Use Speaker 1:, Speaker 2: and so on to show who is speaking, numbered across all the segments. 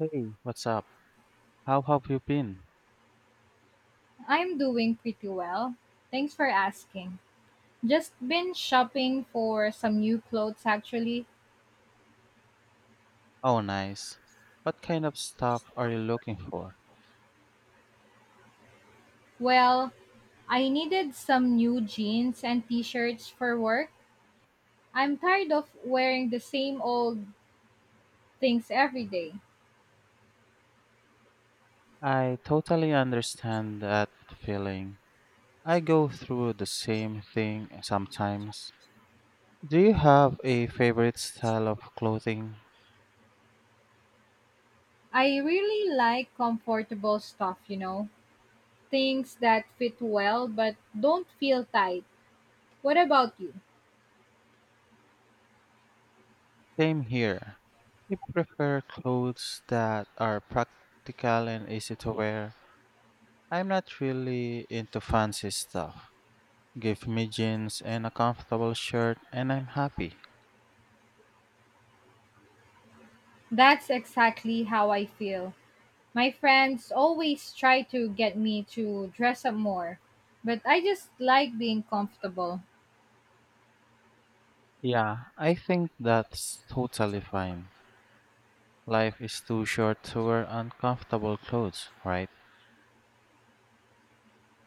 Speaker 1: Hey, what's up? How have you been?
Speaker 2: I'm doing pretty well. Thanks for asking. Just been shopping for some new clothes actually.
Speaker 1: Oh, nice. What kind of stock are you looking for?
Speaker 2: Well, I needed some new jeans and t-shirts for work. I'm tired of wearing the same old things every day.
Speaker 1: I totally understand that feeling. I go through the same thing sometimes. Do you have a favorite style of clothing?
Speaker 2: I really like comfortable stuff. Things that fit well but don't feel tight. What about you?
Speaker 1: Same here. I prefer clothes that are practical and easy to wear. I'm not really into fancy stuff. Give me jeans and a comfortable shirt, and I'm happy.
Speaker 2: That's exactly how I feel. My friends always try to get me to dress up more, but I just like being comfortable.
Speaker 1: Yeah, I think that's totally fine. Life is too short to wear uncomfortable clothes, right?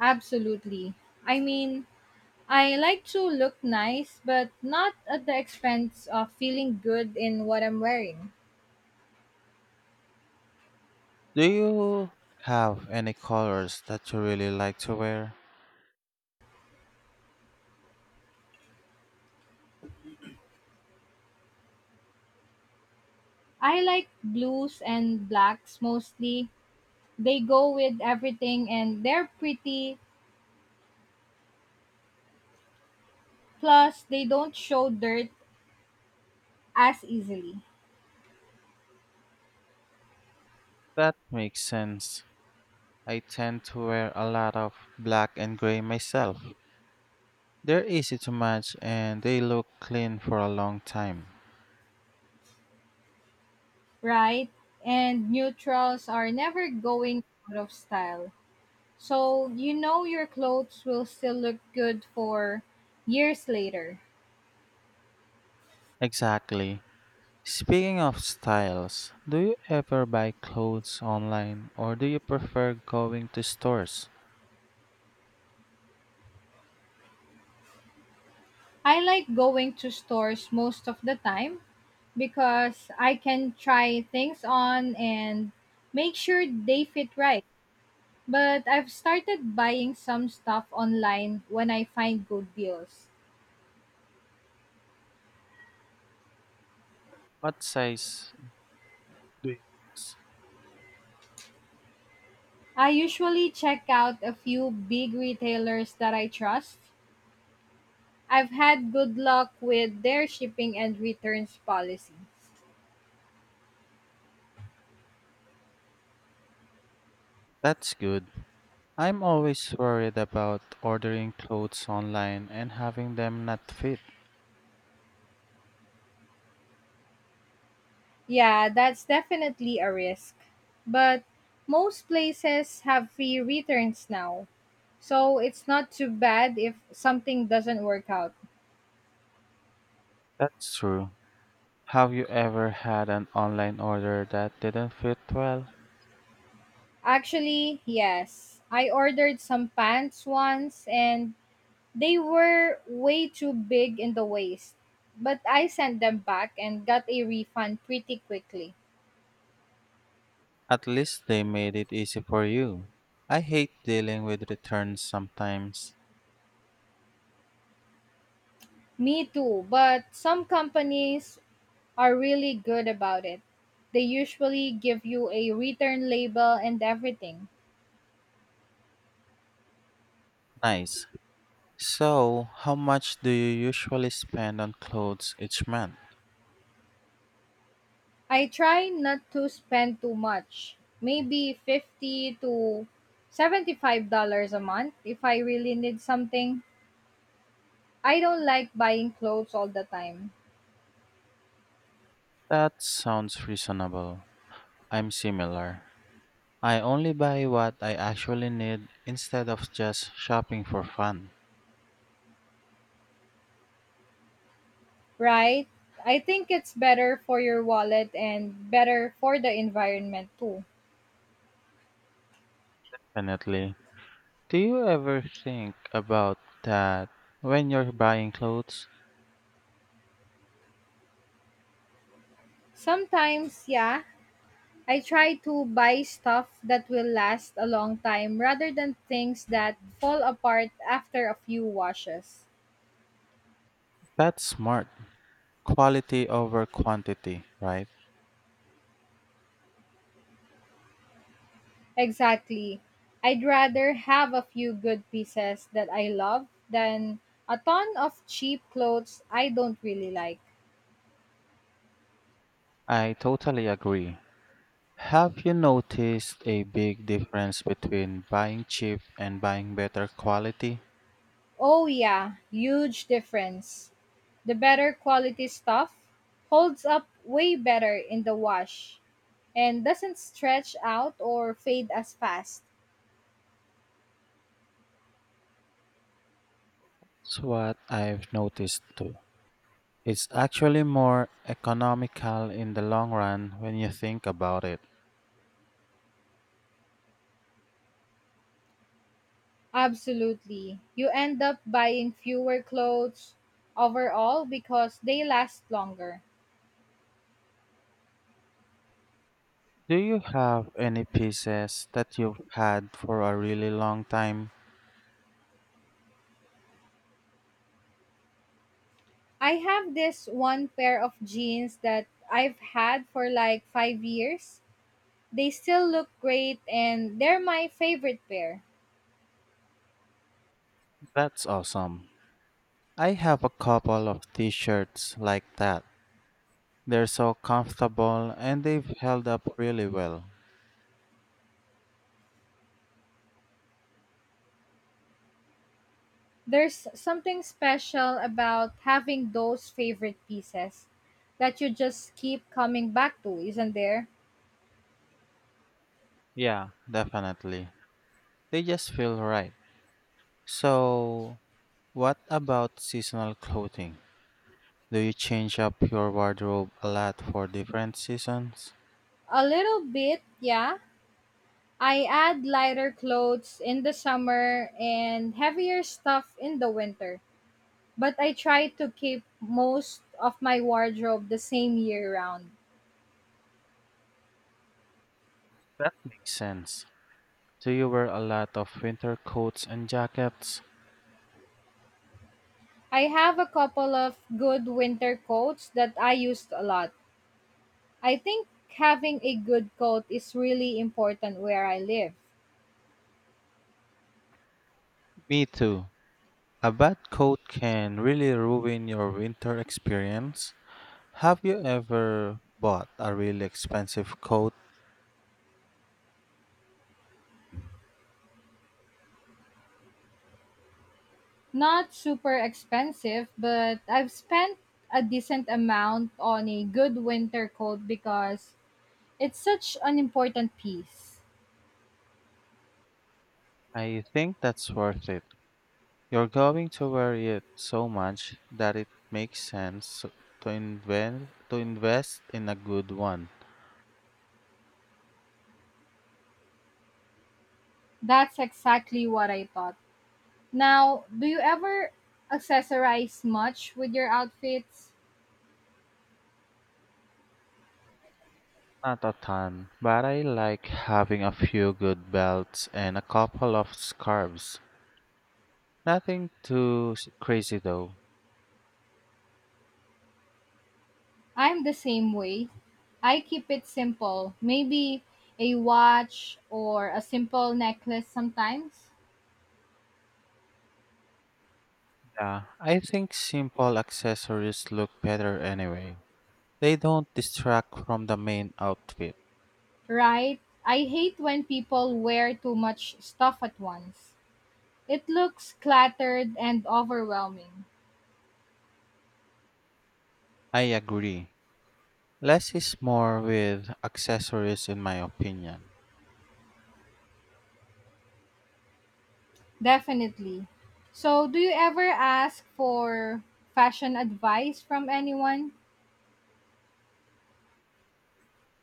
Speaker 2: Absolutely. I mean, I like to look nice, but not at the expense of feeling good in what I'm wearing.
Speaker 1: Do you have any colors that you really like to wear?
Speaker 2: I like blues and blacks mostly. They go with everything and they're pretty, plus, they don't show dirt as easily,
Speaker 1: That makes sense. I tend to wear a lot of black and gray myself. They're easy to match and they look clean for a long time.
Speaker 2: right? And neutrals are never going out of style. So you know your clothes will still look good for years later.
Speaker 1: Exactly. Speaking of styles, do you ever buy clothes online or do you prefer going to stores?
Speaker 2: I like going to stores most of the time because I can try things on and make sure they fit right. But I've started buying some stuff online when I find good deals.
Speaker 1: What size doing this.
Speaker 2: I usually check out a few big retailers that I trust. I've had good luck with their shipping and returns policies.
Speaker 1: That's good. I'm always worried about ordering clothes online and having them not fit.
Speaker 2: Yeah, that's definitely a risk. But most places have free returns now. So it's not too bad if something doesn't work out.
Speaker 1: That's true. Have you ever had an online order that didn't fit well?
Speaker 2: Actually, yes. I ordered some pants once and they were way too big in the waist. But I sent them back and got a refund pretty quickly.
Speaker 1: At least they made it easy for you. I hate dealing with returns sometimes.
Speaker 2: Me too, but some companies are really good about it. They usually give you a return label and everything.
Speaker 1: Nice. So, how much do you usually spend on clothes each month?
Speaker 2: I try not to spend too much, maybe 50 to $75 a month if I really need something. I don't like buying clothes all the time,
Speaker 1: That sounds reasonable. I'm similar. I only buy what I actually need instead of just shopping for fun.
Speaker 2: right? I think it's better for your wallet and better for the environment too.
Speaker 1: Definitely. Do you ever think about that when you're buying clothes?
Speaker 2: Sometimes, yeah, I try to buy stuff that will last a long time rather than things that fall apart after a few washes.
Speaker 1: That's smart. Quality over quantity, right?
Speaker 2: Exactly. I'd rather have a few good pieces that I love than a ton of cheap clothes I don't really like.
Speaker 1: I totally agree. Have you noticed a big difference between buying cheap and buying better quality?
Speaker 2: Oh, yeah, huge difference. The better quality stuff holds up way better in the wash and doesn't stretch out or fade as fast.
Speaker 1: It's what I've noticed too. It's actually more economical in the long run when you think about it.
Speaker 2: Absolutely. You end up buying fewer clothes overall because they last longer.
Speaker 1: Do you have any pieces that you've had for a really long time?
Speaker 2: I have this one pair of jeans that I've had for like 5 years. They still look great and they're my favorite pair.
Speaker 1: That's awesome. I have a couple of t shirts like that. They're so comfortable and they've held up really well.
Speaker 2: There's something special about having those favorite pieces that you just keep coming back to, isn't there?
Speaker 1: Yeah, definitely. They just feel right. So, what about seasonal clothing? Do you change up your wardrobe a lot for different seasons?
Speaker 2: A little bit, yeah, I add lighter clothes in the summer and heavier stuff in the winter, but I try to keep most of my wardrobe the same year round.
Speaker 1: That makes sense. Do you wear a lot of winter coats and jackets?
Speaker 2: I have a couple of good winter coats that I used a lot. I think having a good coat is really important where I live.
Speaker 1: Me too. A bad coat can really ruin your winter experience. Have you ever bought a really expensive coat?
Speaker 2: Not super expensive, but I've spent a decent amount on a good winter coat because it's such an important piece.
Speaker 1: I think that's worth it. You're going to wear it so much that it makes sense to invest in a good one.
Speaker 2: That's exactly what I thought. Now, do you ever accessorize much with your outfits?
Speaker 1: Not a ton, but I like having a few good belts and a couple of scarves. Nothing too crazy though.
Speaker 2: I'm the same way. I keep it simple. Maybe a watch or a simple necklace sometimes,
Speaker 1: Yeah, I think simple accessories look better anyway. They don't distract from the main outfit.
Speaker 2: right? I hate when people wear too much stuff at once. It looks cluttered and overwhelming.
Speaker 1: I agree. Less is more with accessories, in my opinion.
Speaker 2: Definitely. So, do you ever ask for fashion advice from anyone?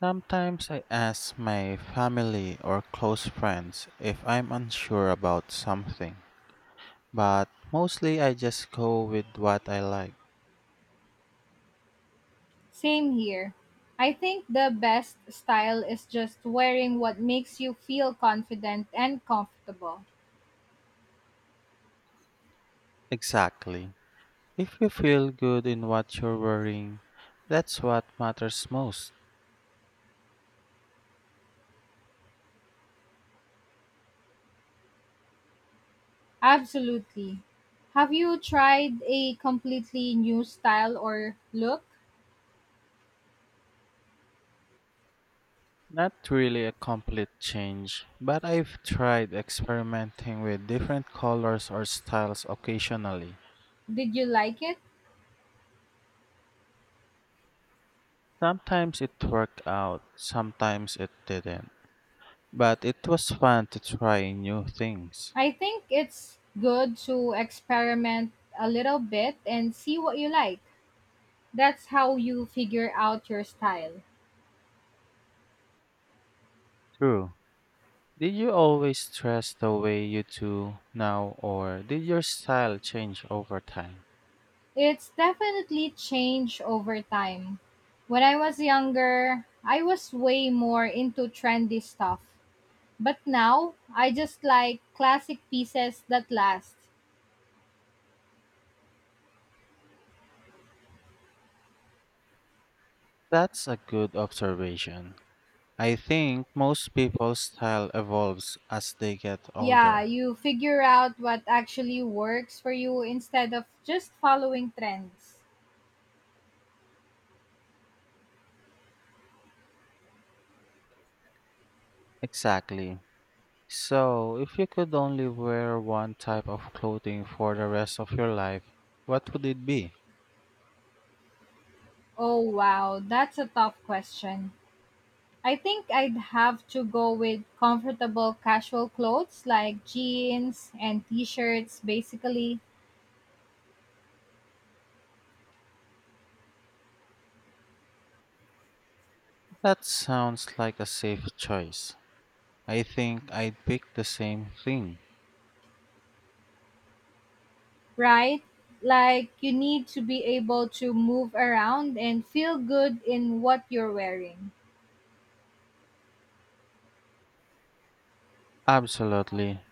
Speaker 1: Sometimes I ask my family or close friends if I'm unsure about something, but mostly I just go with what I like.
Speaker 2: Same here. I think the best style is just wearing what makes you feel confident and comfortable.
Speaker 1: Exactly. If you feel good in what you're wearing, that's what matters most.
Speaker 2: Absolutely. Have you tried a completely new style or look?
Speaker 1: Not really a complete change, but I've tried experimenting with different colors or styles occasionally.
Speaker 2: Did you like it?
Speaker 1: Sometimes it worked out, sometimes it didn't. But it was fun to try new things.
Speaker 2: I think it's good to experiment a little bit and see what you like. That's how you figure out your style.
Speaker 1: True. Did you always dress the way you do now, or did your style change over time?
Speaker 2: It's definitely changed over time. When I was younger, I was way more into trendy stuff. But now, I just like classic pieces that last.
Speaker 1: That's a good observation. I think most people's style evolves as they get
Speaker 2: Yeah,
Speaker 1: older.
Speaker 2: you figure out what actually works for you instead of just following trends.
Speaker 1: Exactly. So, if you could only wear one type of clothing for the rest of your life, what would it be?
Speaker 2: Oh, wow, that's a tough question. I think I'd have to go with comfortable casual clothes like jeans and t shirts, basically.
Speaker 1: That sounds like a safe choice. I think I'd pick the same thing.
Speaker 2: Right? Like you need to be able to move around and feel good in what you're wearing.
Speaker 1: Absolutely.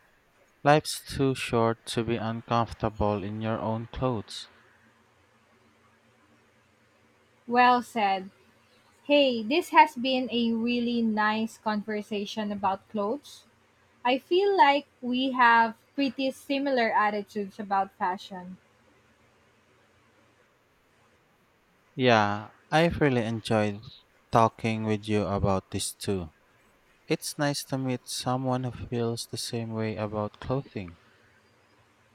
Speaker 1: Life's too short to be uncomfortable in your own clothes.
Speaker 2: Well said. Hey, this has been a really nice conversation about clothes. I feel like we have pretty similar attitudes about fashion.
Speaker 1: Yeah, I've really enjoyed talking with you about this too. It's nice to meet someone who feels the same way about clothing.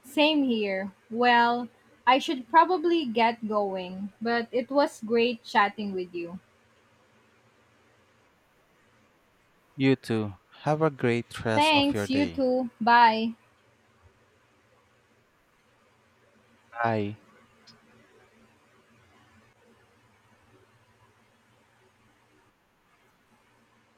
Speaker 2: Same here. Well, I should probably get going, but it was great chatting with you.
Speaker 1: You too. Have a great rest of your
Speaker 2: Thanks, you
Speaker 1: day.
Speaker 2: too. Bye.
Speaker 1: Bye.